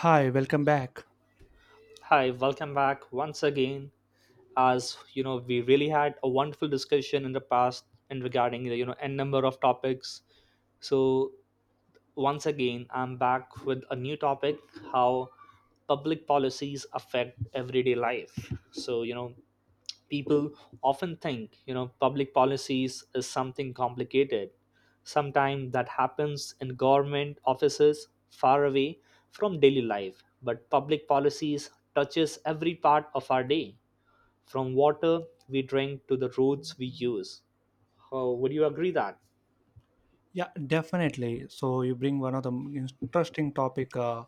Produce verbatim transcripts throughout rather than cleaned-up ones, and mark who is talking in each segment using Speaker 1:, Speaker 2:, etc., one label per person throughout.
Speaker 1: Hi, welcome back.
Speaker 2: Hi, welcome back once again. As you know, we really had a wonderful discussion in the past and regarding you know n number of topics. So Once again, I'm back with a new topic: how public policies affect everyday life. So you know, people often think you know public policies is something complicated, sometimes that happens in government offices far away from daily life, but public policies touches every part of our day, from water we drink to the roads we use. Oh, would you agree that?
Speaker 1: Yeah, definitely. So you bring one of the m- interesting topic uh,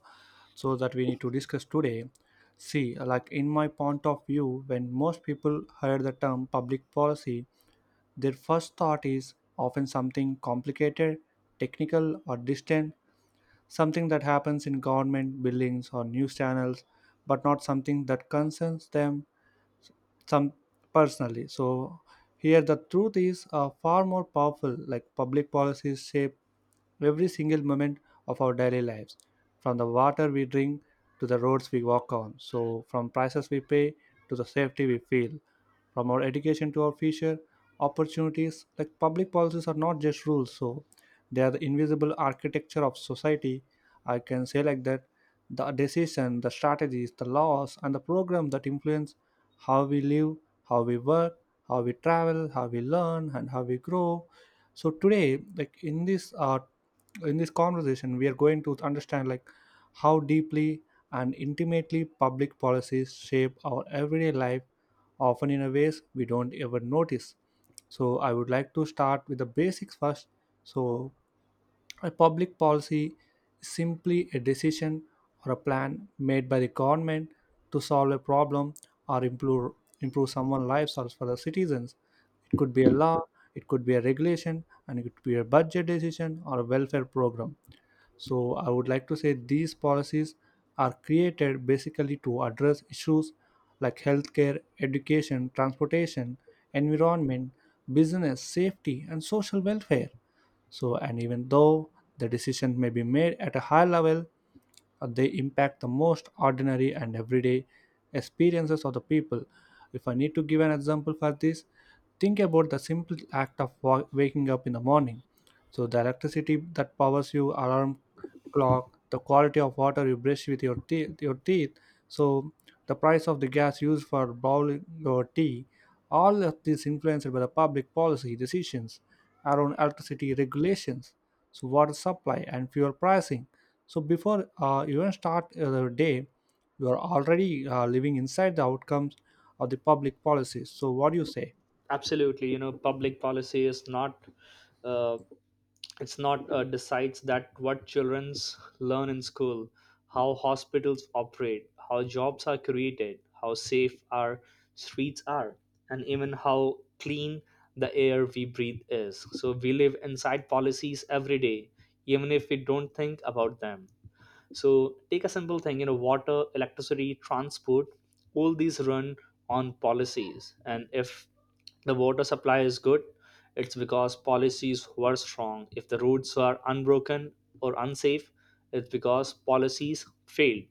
Speaker 1: so that we need to discuss today. See, like in my point of view, when most people hear the term public policy, their first thought is often something complicated, technical, or distant, something that happens in government buildings or news channels, but not something that concerns them some personally. So here the truth is uh, far more powerful, like public policies shape every single moment of our daily lives, from the water we drink to the roads we walk on, so from prices we pay to the safety we feel, from our education to our future opportunities. Like public policies are not just rules, so they are the invisible architecture of society, I can say like that. The decision, the strategies, the laws, and the program that influence how we live, how we work, how we travel, how we learn, and how we grow. So today, like in this uh, in this conversation, we are going to understand like how deeply and intimately public policies shape our everyday life, often in a ways we don't ever notice. So I would like to start with the basics first. So a public policy is simply a decision or a plan made by the government to solve a problem or improve, improve someone's lives or for the citizens. It could be a law, it could be a regulation, and it could be a budget decision or a welfare program. So, I would like to say these policies are created basically to address issues like healthcare, education, transportation, environment, business, safety, and social welfare. So, and even though the decision may be made at a high level, uh, they impact the most ordinary and everyday experiences of the people. If I need to give an example for this, think about the simple act of wa- waking up in the morning. So the electricity that powers your alarm clock, the quality of water you brush with your teeth, your teeth. So the price of the gas used for boiling your tea, all of this influenced by the public policy decisions around electricity regulations, so water supply and fuel pricing. So before uh, you even start your day, you are already uh, living inside the outcomes of the public policies. So what do you say?
Speaker 2: Absolutely. You know public policy is not uh, it's not, uh, decides that what childrens learn in school, how hospitals operate, how jobs are created, how safe our streets are, and even how clean the air we breathe is. So we live inside policies every day, even if we don't think about them. So take a simple thing, you know, water, electricity, transport, all these run on policies. And if the water supply is good, it's because policies were strong. If the roads are unbroken or unsafe, it's because policies failed.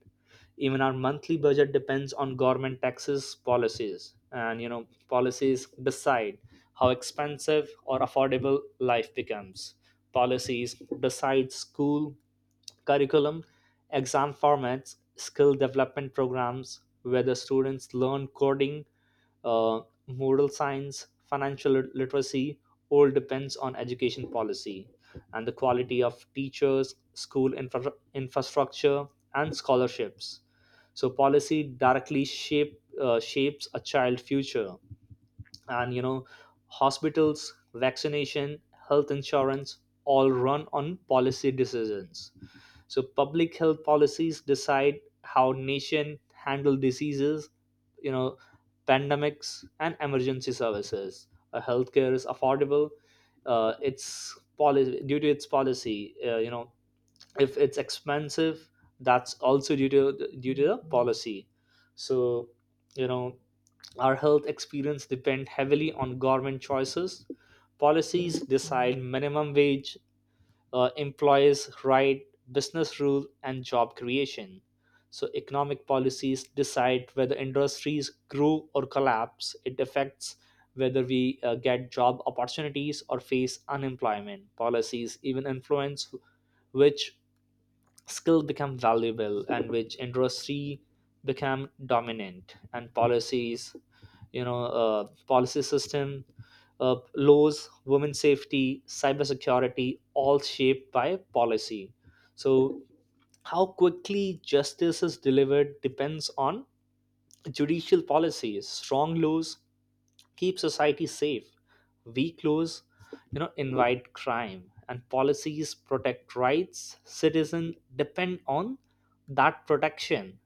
Speaker 2: Even our monthly budget depends on government taxes policies, and you know, policies decide how expensive or affordable life becomes. Policies decide school curriculum, exam formats, skill development programs, whether students learn coding, uh, moral science, financial lit- literacy, all depends on education policy, and the quality of teachers, school infra- infrastructure, and scholarships. So policy directly shape uh, shapes a child's future. And you know, hospitals, vaccination, health insurance all run on policy decisions. So public health policies decide how nation handle diseases, you know, pandemics and emergency services. Uh, healthcare is affordable uh, its policy due to its policy. Uh, you know if it's expensive, that's also due to due to the policy. So you know, our health experience depend heavily on government choices. Policies decide minimum wage, uh, employees write, business rules, and job creation. So economic policies decide whether industries grow or collapse. It affects whether we uh, get job opportunities or face unemployment. Policies even influence which skill become valuable and which industry become dominant. And policies, you know uh, policy system, uh, laws, women safety, cybersecurity, all shaped by policy. So how quickly justice is delivered depends on judicial policies. Strong laws keep society safe. Weak laws, you know, invite crime, and policies protect rights. Citizens depend on that protection.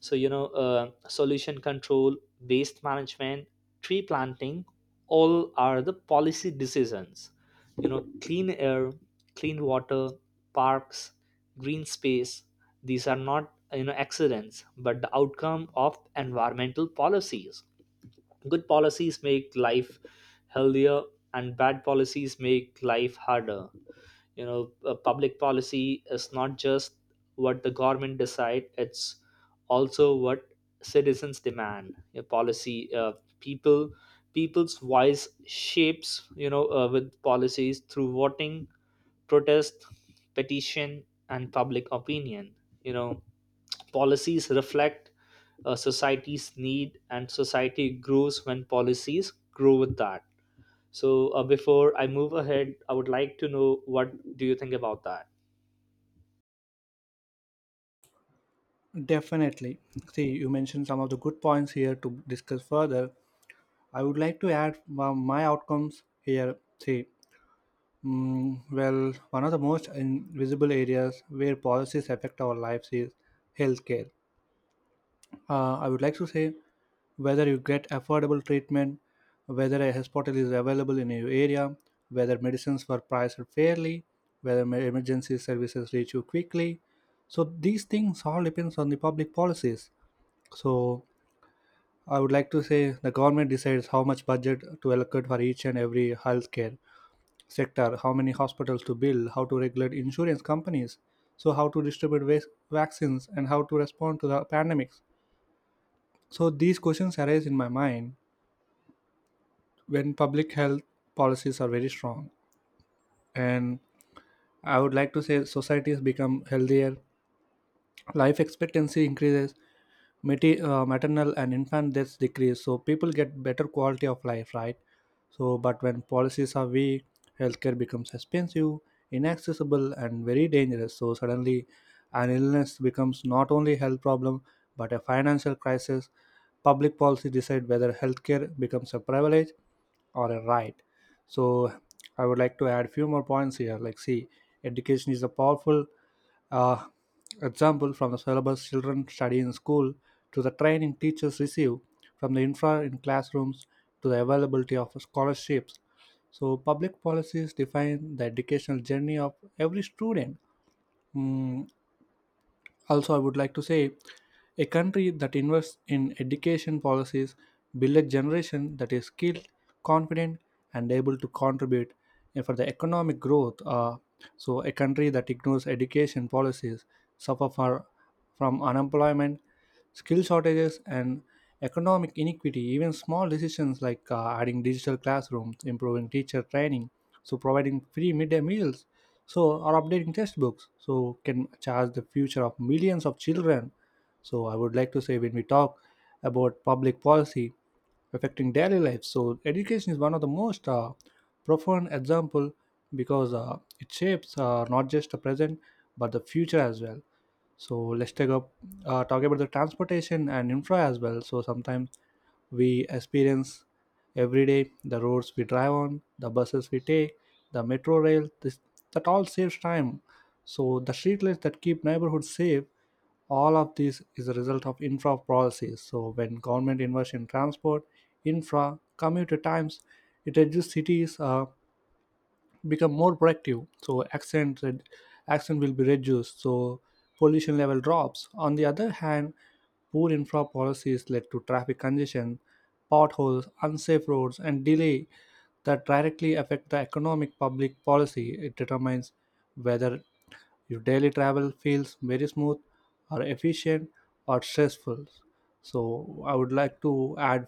Speaker 2: So you know, uh, solution control, waste management, tree planting, all are the policy decisions. You know, clean air, clean water, parks, green space. These are not, you know, accidents, but the outcome of environmental policies. Good policies make life healthier, and bad policies make life harder. You know, a public policy is not just what the government decide, it's also what citizens demand. A policy uh, people People's voice shapes, you know uh, with policies, through voting, protest, petition, and public opinion. You know, policies reflect a society's need, and society grows when policies grow with that. So, uh, before I move ahead, I would like to know, what do you think about that?
Speaker 1: Definitely. See, you mentioned some of the good points here to discuss further. I would like to add uh, my outcomes here. See, mm, well, one of the most invisible areas where policies affect our lives is healthcare. Uh, I would like to say whether you get affordable treatment, whether a hospital is available in your area, whether medicines were priced fairly, whether me- emergency services reach you quickly. So these things all depends on the public policies. So I would like to say the government decides how much budget to allocate for each and every healthcare sector, how many hospitals to build, how to regulate insurance companies, so how to distribute vac- vaccines and how to respond to the pandemics. So these questions arise in my mind when public health policies are very strong, and I would like to say societies become healthier, life expectancy increases, mati- uh, maternal and infant deaths decrease, so people get better quality of life, right? So but when policies are weak, healthcare becomes expensive, inaccessible, and very dangerous. So suddenly an illness becomes not only health problem but a financial crisis. Public policy decide whether healthcare becomes a privilege or a right. So I would like to add few more points here, like, see, education is a powerful uh, example. From the syllabus children study in school to the training teachers receive, from the infra in classrooms to the availability of scholarships. So public policies define the educational journey of every student. Hmm, also, I would like to say a country that invests in education policies builds a generation that is skilled, confident, and able to contribute for the economic growth. Uh, so, a country that ignores education policies suffer for, from unemployment, skill shortages, and economic inequity. Even small decisions like uh, adding digital classrooms, improving teacher training, so providing free midday meals so or updating textbooks, so can charge the future of millions of children. So I would like to say when we talk about public policy affecting daily life, so education is one of the most uh, profound example, because uh, it shapes, uh, not just the present but the future as well. So let's take up, uh, talk about the transportation and infra as well. So sometimes we experience every day, the roads we drive on, the buses we take, the metro rail, this, that all saves time. So the streetlights that keep neighborhoods safe, all of this is a result of infra policies. So when government invests in transport, infra, commuter times, it reduces cities' uh, become more productive, so accident red, accident will be reduced, so pollution level drops. On the other hand, poor infra policies led to traffic congestion, potholes, unsafe roads, and delay that directly affect the economic public policy. It determines whether your daily travel feels very smooth or efficient or stressful. So I would like to add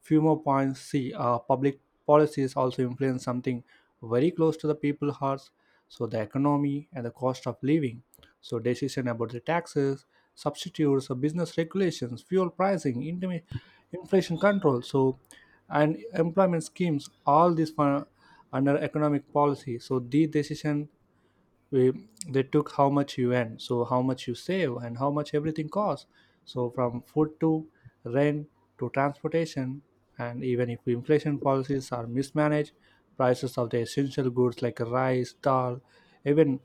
Speaker 1: few more points. See, uh, public policies also influence something very close to the people's hearts. So the economy and the cost of living. So decision about the taxes, substitutes, or business regulations, fuel pricing, intima- inflation control. So and employment schemes. All these fun under economic policy. So these decision we they took how much you earn, so how much you save and how much everything costs, so from food to rent to transportation. And even if inflation policies are mismanaged, prices of the essential goods like rice, dal even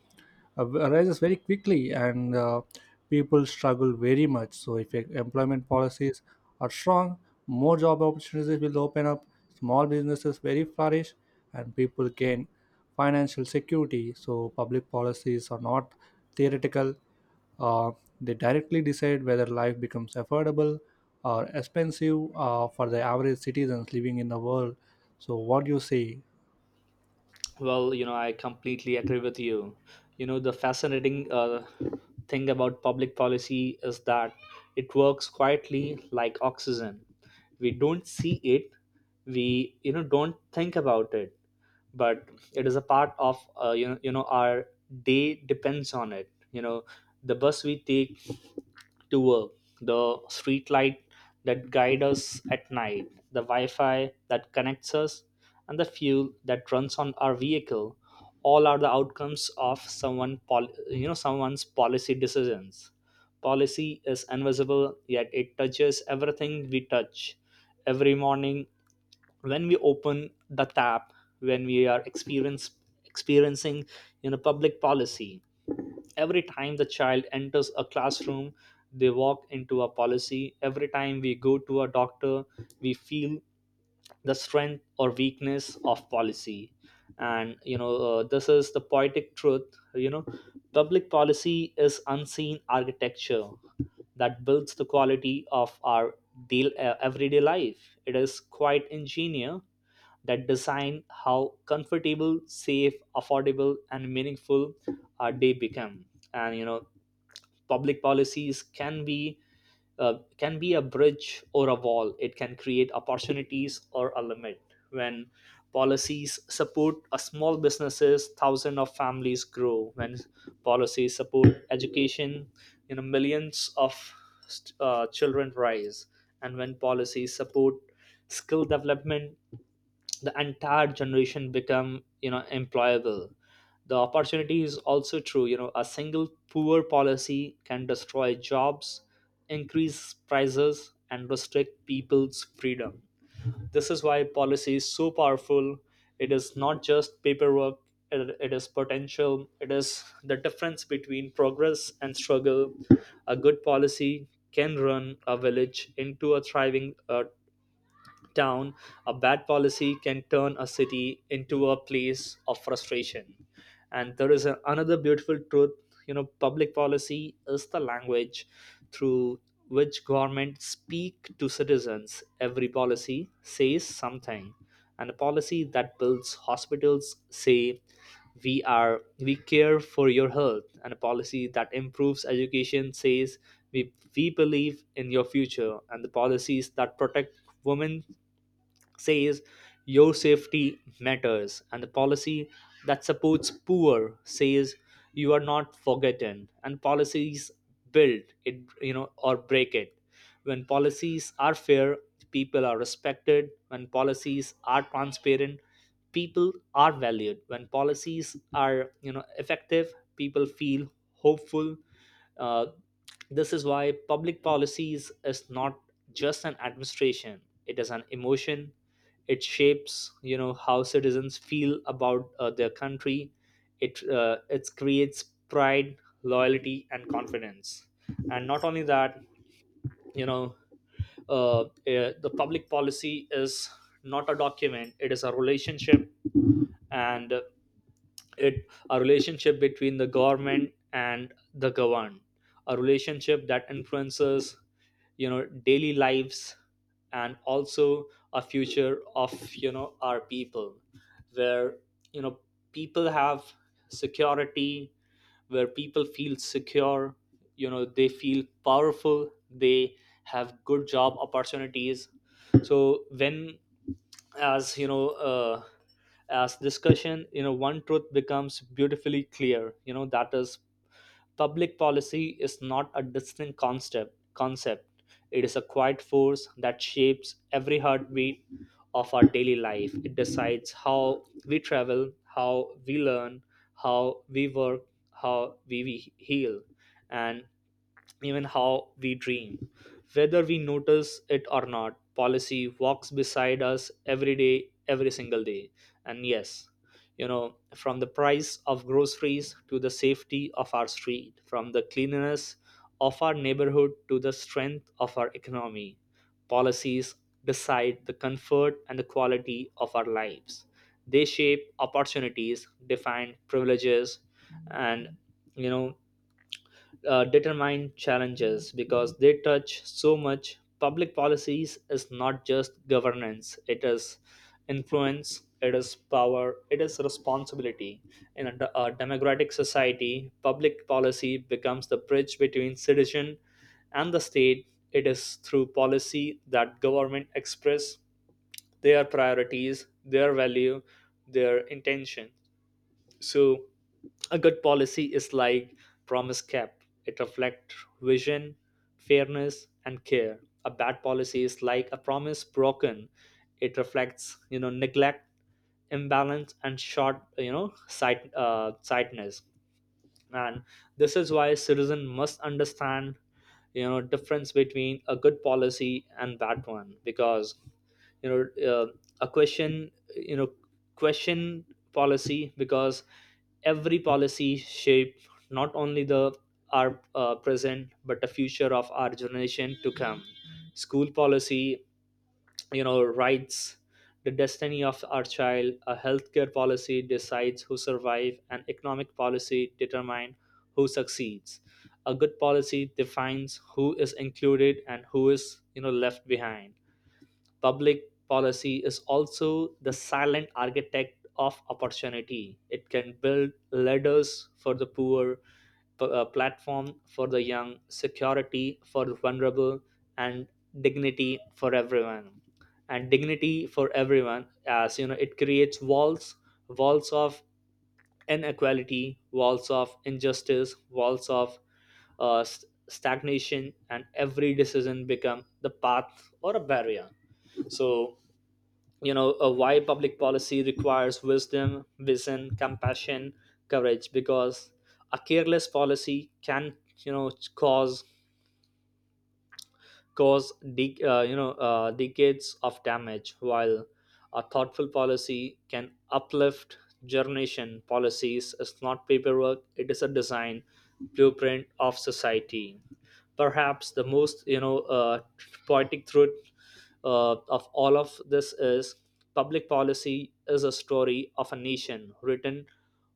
Speaker 1: uh, rises very quickly, and uh, people struggle very much. So, if e- employment policies are strong, more job opportunities will open up, small businesses very flourish, and people gain financial security. So, public policies are not theoretical, uh, they directly decide whether life becomes affordable or expensive uh, for the average citizens living in the world. So, what do you say?
Speaker 2: Well, you know, I completely agree with you. You know, the fascinating uh, thing about public policy is that it works quietly, like oxygen. We don't see it, we, you know, don't think about it, but it is a part of, uh, you know you know our day depends on it. You know, the bus we take to work, the street light that guide us at night, the wi-fi that connects us, and the fuel that runs on our vehicle, all are the outcomes of someone pol- you know, someone's policy decisions. Policy is invisible, yet it touches everything we touch. Every morning when we open the tap, when we are experience experiencing, you know, public policy. Every time the child enters a classroom, they walk into a policy. Every time we go to a doctor, we feel the strength or weakness of policy. And you know, uh, this is the poetic truth. You know, public policy is unseen architecture that builds the quality of our deal, uh, everyday life. It is quite ingenious, that design how comfortable, safe, affordable, and meaningful our day become. And you know, public policies can be, uh, can be a bridge or a wall. It can create opportunities or a limit. When policies support a small businesses, thousands of families grow. When policies support education, you know, millions of st- uh, children rise. And when policies support skill development, the entire generation become, you know, employable. The opportunity is also true. You know, a single poor policy can destroy jobs, increase prices, and restrict people's freedom. This is why policy is so powerful. It is not just paperwork, it it is potential. It is the difference between progress and struggle. A good policy can run a village into a thriving uh, town. A bad policy can turn a city into a place of frustration. And there is a, another beautiful truth. You know, public policy is the language through which government speak to citizens. Every policy says something, and a policy that builds hospitals say, we are We care for your health." And a policy that improves education says, we, We believe in your future." And the policies that protect women says, "Your safety matters." And the policy that supports poor says, "You are not forgotten." And policies build it, you know, or break it. When policies are fair, people are respected. When policies are transparent, people are valued. When policies are, you know, effective, people feel hopeful. Uh, this is why public policies is not just an administration; it is an emotion. It shapes, you know, how citizens feel about, uh, their country. It uh, it creates pride, loyalty, and confidence. And not only that, you know, uh, uh, the public policy is not a document, it is a relationship. And it a relationship between the government and the governed, a relationship that influences, you know, daily lives, and also a future of, you know, our people, where, you know, people have security, where people feel secure, you know, they feel powerful, they have good job opportunities. So when, as you know uh, as discussion, you know, one truth becomes beautifully clear, you know, that is, public policy is not a distant concept. Concept. It is a quiet force that shapes every heartbeat of our daily life. It decides how we travel, how we learn, how we work, how we we heal, and even how we dream. Whether we notice it or not, policy walks beside us every day, every single day. And yes, you know, from the price of groceries to the safety of our street, from the cleanliness of our neighborhood to the strength of our economy, policies decide the comfort and the quality of our lives. They shape opportunities, define privileges, and, you know uh, determine challenges. Because they touch so much, public policies is not just governance, it is influence, it is power, it is responsibility. In a, de- a democratic society, public policy becomes the bridge between citizen and the state. It is through policy that government express their priorities, their value, their intention. So a good policy is like promise kept. It reflects vision, fairness, and care. A bad policy is like a promise broken. It reflects, you know, neglect, imbalance, and short, you know, sight, uh, sightness. And this is why citizen must understand, you know, difference between a good policy and bad one. Because, you know uh, a question, you know question policy, because every policy shape not only the our, uh, present, but the future of our generation to come. School policy, you know, rights the destiny of our child. A healthcare policy decides who survive, and economic policy determines who succeeds. A good policy defines who is included and who is, you know, left behind. Public policy is also the silent architect of opportunity. It can build ladders for the poor, p- a platform for the young, security for the vulnerable, and dignity for everyone. And dignity for everyone, as you know, it creates walls, walls of inequality, walls of injustice, walls of, uh, st- stagnation, and every decision become the path or a barrier. So, you know, uh, why public policy requires wisdom, vision, compassion, courage? Because a careless policy can, you know, cause, cause de- uh, you know uh, decades of damage, while a thoughtful policy can uplift generation. Policies is not paperwork, it is a design, blueprint of society. Perhaps the most, you know uh, poetic truth, uh, of all of this is, public policy is a story of a nation written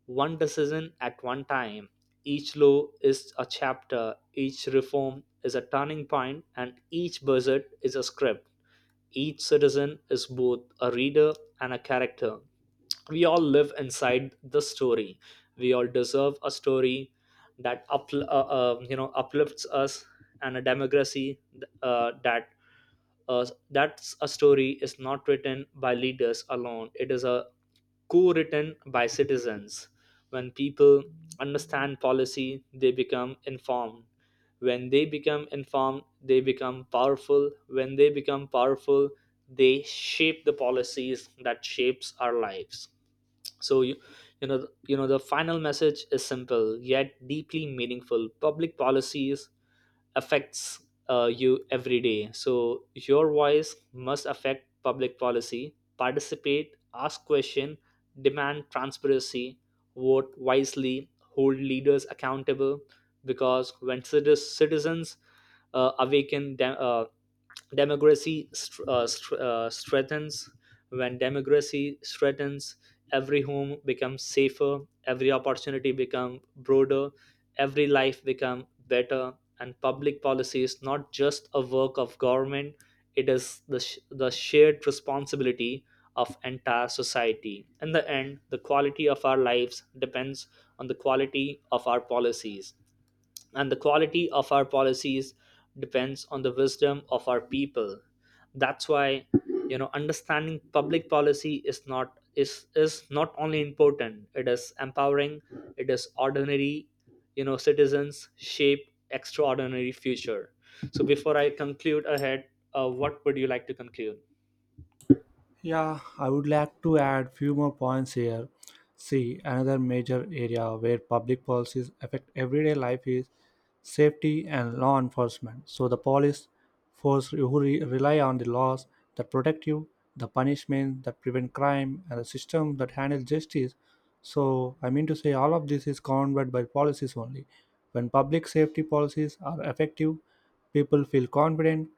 Speaker 2: one decision at one time. Each law is a chapter, each reform is a turning point, and each budget is a script. Each citizen is both a reader and a character. We all live inside the story. We all deserve a story that up, uh, uh, you know, uplifts us. And a democracy, uh, that uh, that's a story, is not written by leaders alone. It is a co-written by citizens. When people understand policy, they become informed. When they become informed, they become powerful. When they become powerful, they shape the policies that shapes our lives. So you, you know you know, the final message is simple yet deeply meaningful. Public policies affects, uh, you, every day. So your voice must affect public policy. Participate, ask question, demand transparency, vote wisely, hold leaders accountable. Because when citi- citizens, uh, awaken de- uh, democracy str- uh, str- uh, strengthens. When democracy strengthens, every home becomes safer, every opportunity become broader, every life become better. And public policy is not just a work of government, it is the, sh- the shared responsibility of entire society. In the end, the quality of our lives depends on the quality of our policies, and the quality of our policies depends on the wisdom of our people. That's why, you know, understanding public policy is not is is not only important, it is empowering, it is ordinary. You know, citizens shape extraordinary future. So before I conclude ahead, uh, what would you like to conclude?
Speaker 1: Yeah, I would like to add few more points here. See, another major area where public policies affect everyday life is safety and law enforcement. So the police force who re- rely on the laws that protect you, the punishment that prevent crime, and the system that handles justice. So I mean to say, all of this is covered by policies only. When public safety policies are effective, people feel confident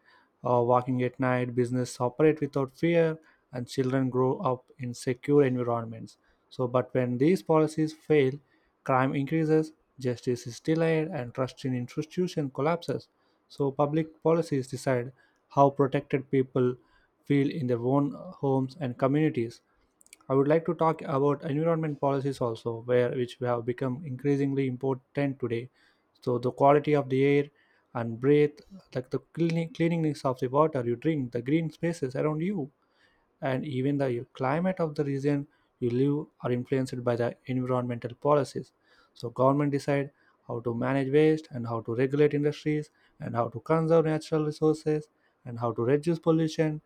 Speaker 1: uh, walking at night, business operate without fear, and children grow up in secure environments. So, but when these policies fail, crime increases, justice is delayed, and trust in institution collapses. So, public policies decide how protected people feel in their own homes and communities. I would like to talk about environment policies also, where which have become increasingly important today. So the quality of the air and breath, like the cleaning, cleanliness of the water you drink, the green spaces around you, and even the climate of the region you live are influenced by the environmental policies. So government decide how to manage waste, and how to regulate industries, and how to conserve natural resources, and how to reduce pollution.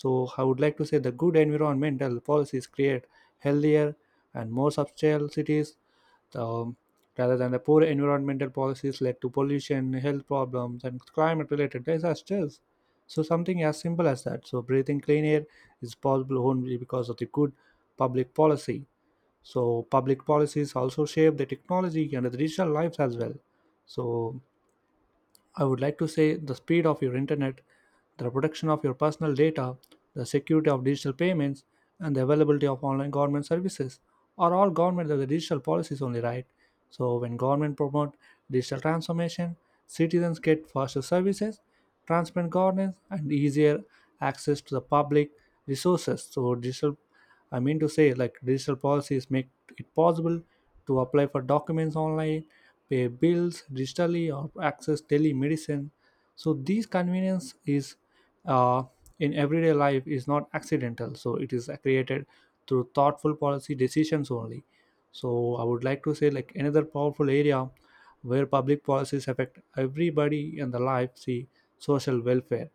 Speaker 1: So I would like to say the good environmental policies create healthier and more sustainable cities, um, rather than the poor environmental policies led to pollution, health problems, and climate-related disasters. So something as simple as that. So breathing clean air is possible only because of the good public policy. So public policies also shape the technology and the digital lives as well. So I would like to say the speed of your internet, the protection of your personal data, the security of digital payments, and the availability of online government services are all government of the digital policies only, right? So when government promote digital transformation, citizens get faster services, transparent governance, and easier access to the public resources. So digital, I mean to say, like digital policies make it possible to apply for documents online, pay bills digitally, or access telemedicine. So these convenience is, uh, in everyday life is not accidental. So it is created through thoughtful policy decisions only. So I would like to say like another powerful area where public policies affect everybody in the life. See, social welfare,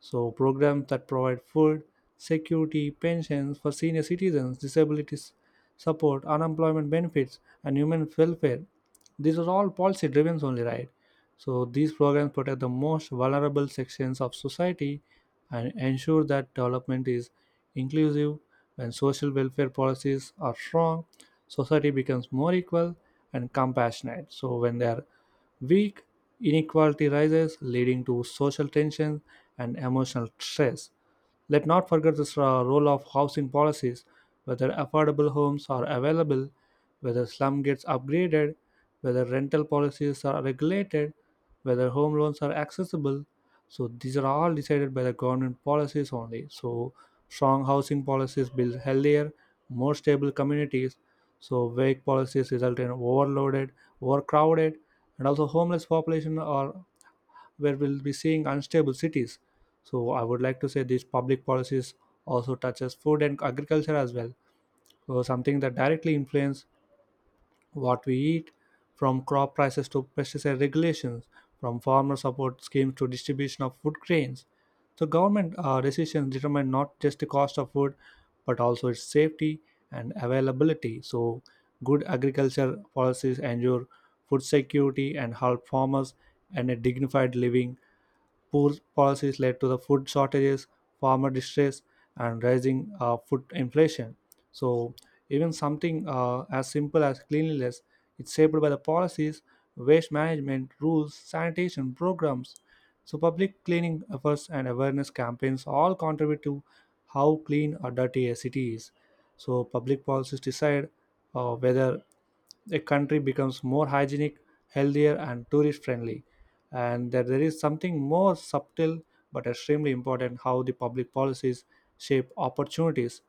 Speaker 1: so programs that provide food, security, pensions for senior citizens, disabilities support, unemployment benefits, and human welfare. These are all policy driven only, right? So these programs protect the most vulnerable sections of society and ensure that development is inclusive. When social welfare policies are strong, society becomes more equal and compassionate. So when they are weak, inequality rises, leading to social tension and emotional stress. Let not forget the stra- role of housing policies, whether affordable homes are available, whether slum gets upgraded, whether rental policies are regulated, whether home loans are accessible. So these are all decided by the government policies only. So strong housing policies build healthier, more stable communities. So vague policies result in overloaded, overcrowded, and also homeless population, or where we'll be seeing unstable cities. So I would like to say these public policies also touches food and agriculture as well. So something that directly influence what we eat, from crop prices to pesticide regulations, from farmer support schemes to distribution of food grains. So government uh, decisions determine not just the cost of food, but also its safety and availability. So good agriculture policies ensure food security and help farmers and a dignified living. Poor policies led to the food shortages, farmer distress, and rising uh, food inflation. So even something uh, as simple as cleanliness, it's shaped by the policies, waste management rules, sanitation programs. So public cleaning efforts and awareness campaigns all contribute to how clean or dirty a city is. So public policies decide uh, whether a country becomes more hygienic, healthier, and tourist friendly. And that there is something more subtle but extremely important, how the public policies shape opportunities.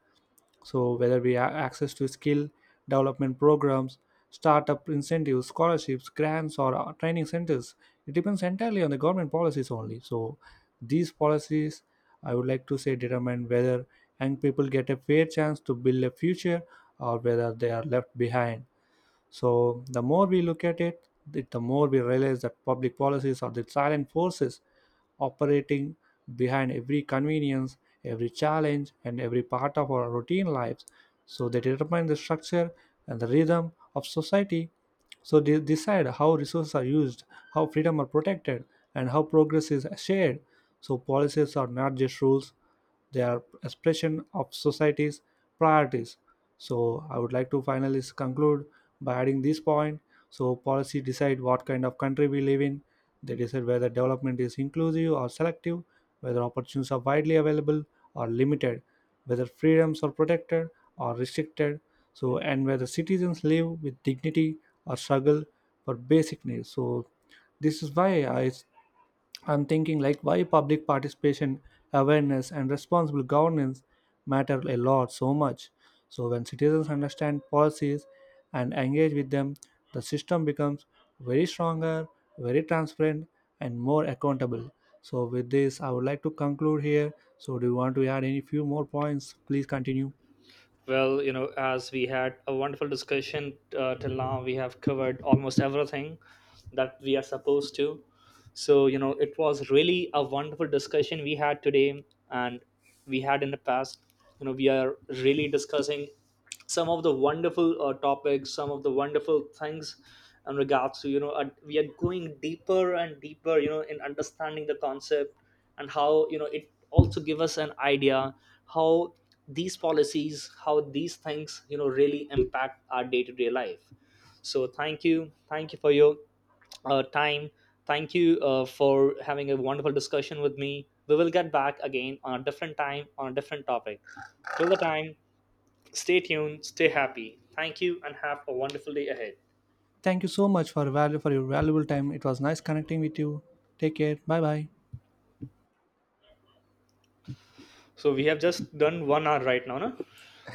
Speaker 1: So, whether we have access to skill development programs, startup incentives, scholarships, grants, or uh, training centers, it depends entirely on the government policies only. So, these policies, I would like to say, determine whether young people get a fair chance to build a future or whether they are left behind. So, the more we look at it, the the more we realize that public policies are the silent forces operating behind every convenience, every challenge, and every part of our routine lives. So, they determine the structure and the rhythm of society. So, they decide how resources are used, how freedom are protected, and how progress is shared. So, policies are not just rules, they are expression of society's priorities. So I would like to finally s- conclude by adding this point. So policy decide what kind of country we live in. They decide whether development is inclusive or selective, whether opportunities are widely available or limited, whether freedoms are protected or restricted, so and whether citizens live with dignity or struggle for basic needs. So this is why I I'm thinking like why public participation, awareness, and responsible governance matter a lot so much. So when citizens understand policies and engage with them, the system becomes very stronger, very transparent, and more accountable. So with this, I would like to conclude here. So do you want to add any few more points? Please continue.
Speaker 2: Well, you know, as we had a wonderful discussion uh, till now, we have covered almost everything that we are supposed to. So, you know, it was really a wonderful discussion we had today, and we had in the past. You know, we are really discussing some of the wonderful uh, topics, some of the wonderful things in regards to, you know, uh, we are going deeper and deeper, you know, in understanding the concept, and how, you know, it also give us an idea how these policies, how these things, you know, really impact our day-to-day life. So thank you, thank you for your, uh, time. Thank you, uh, for having a wonderful discussion with me. We will get back again on a different time on a different topic. Till the time, stay tuned, stay happy, thank you, and have a wonderful day ahead.
Speaker 1: Thank you so much for value for your valuable time. It was nice connecting with you. Take care. Bye bye.
Speaker 2: So we have just done one hour right now, no?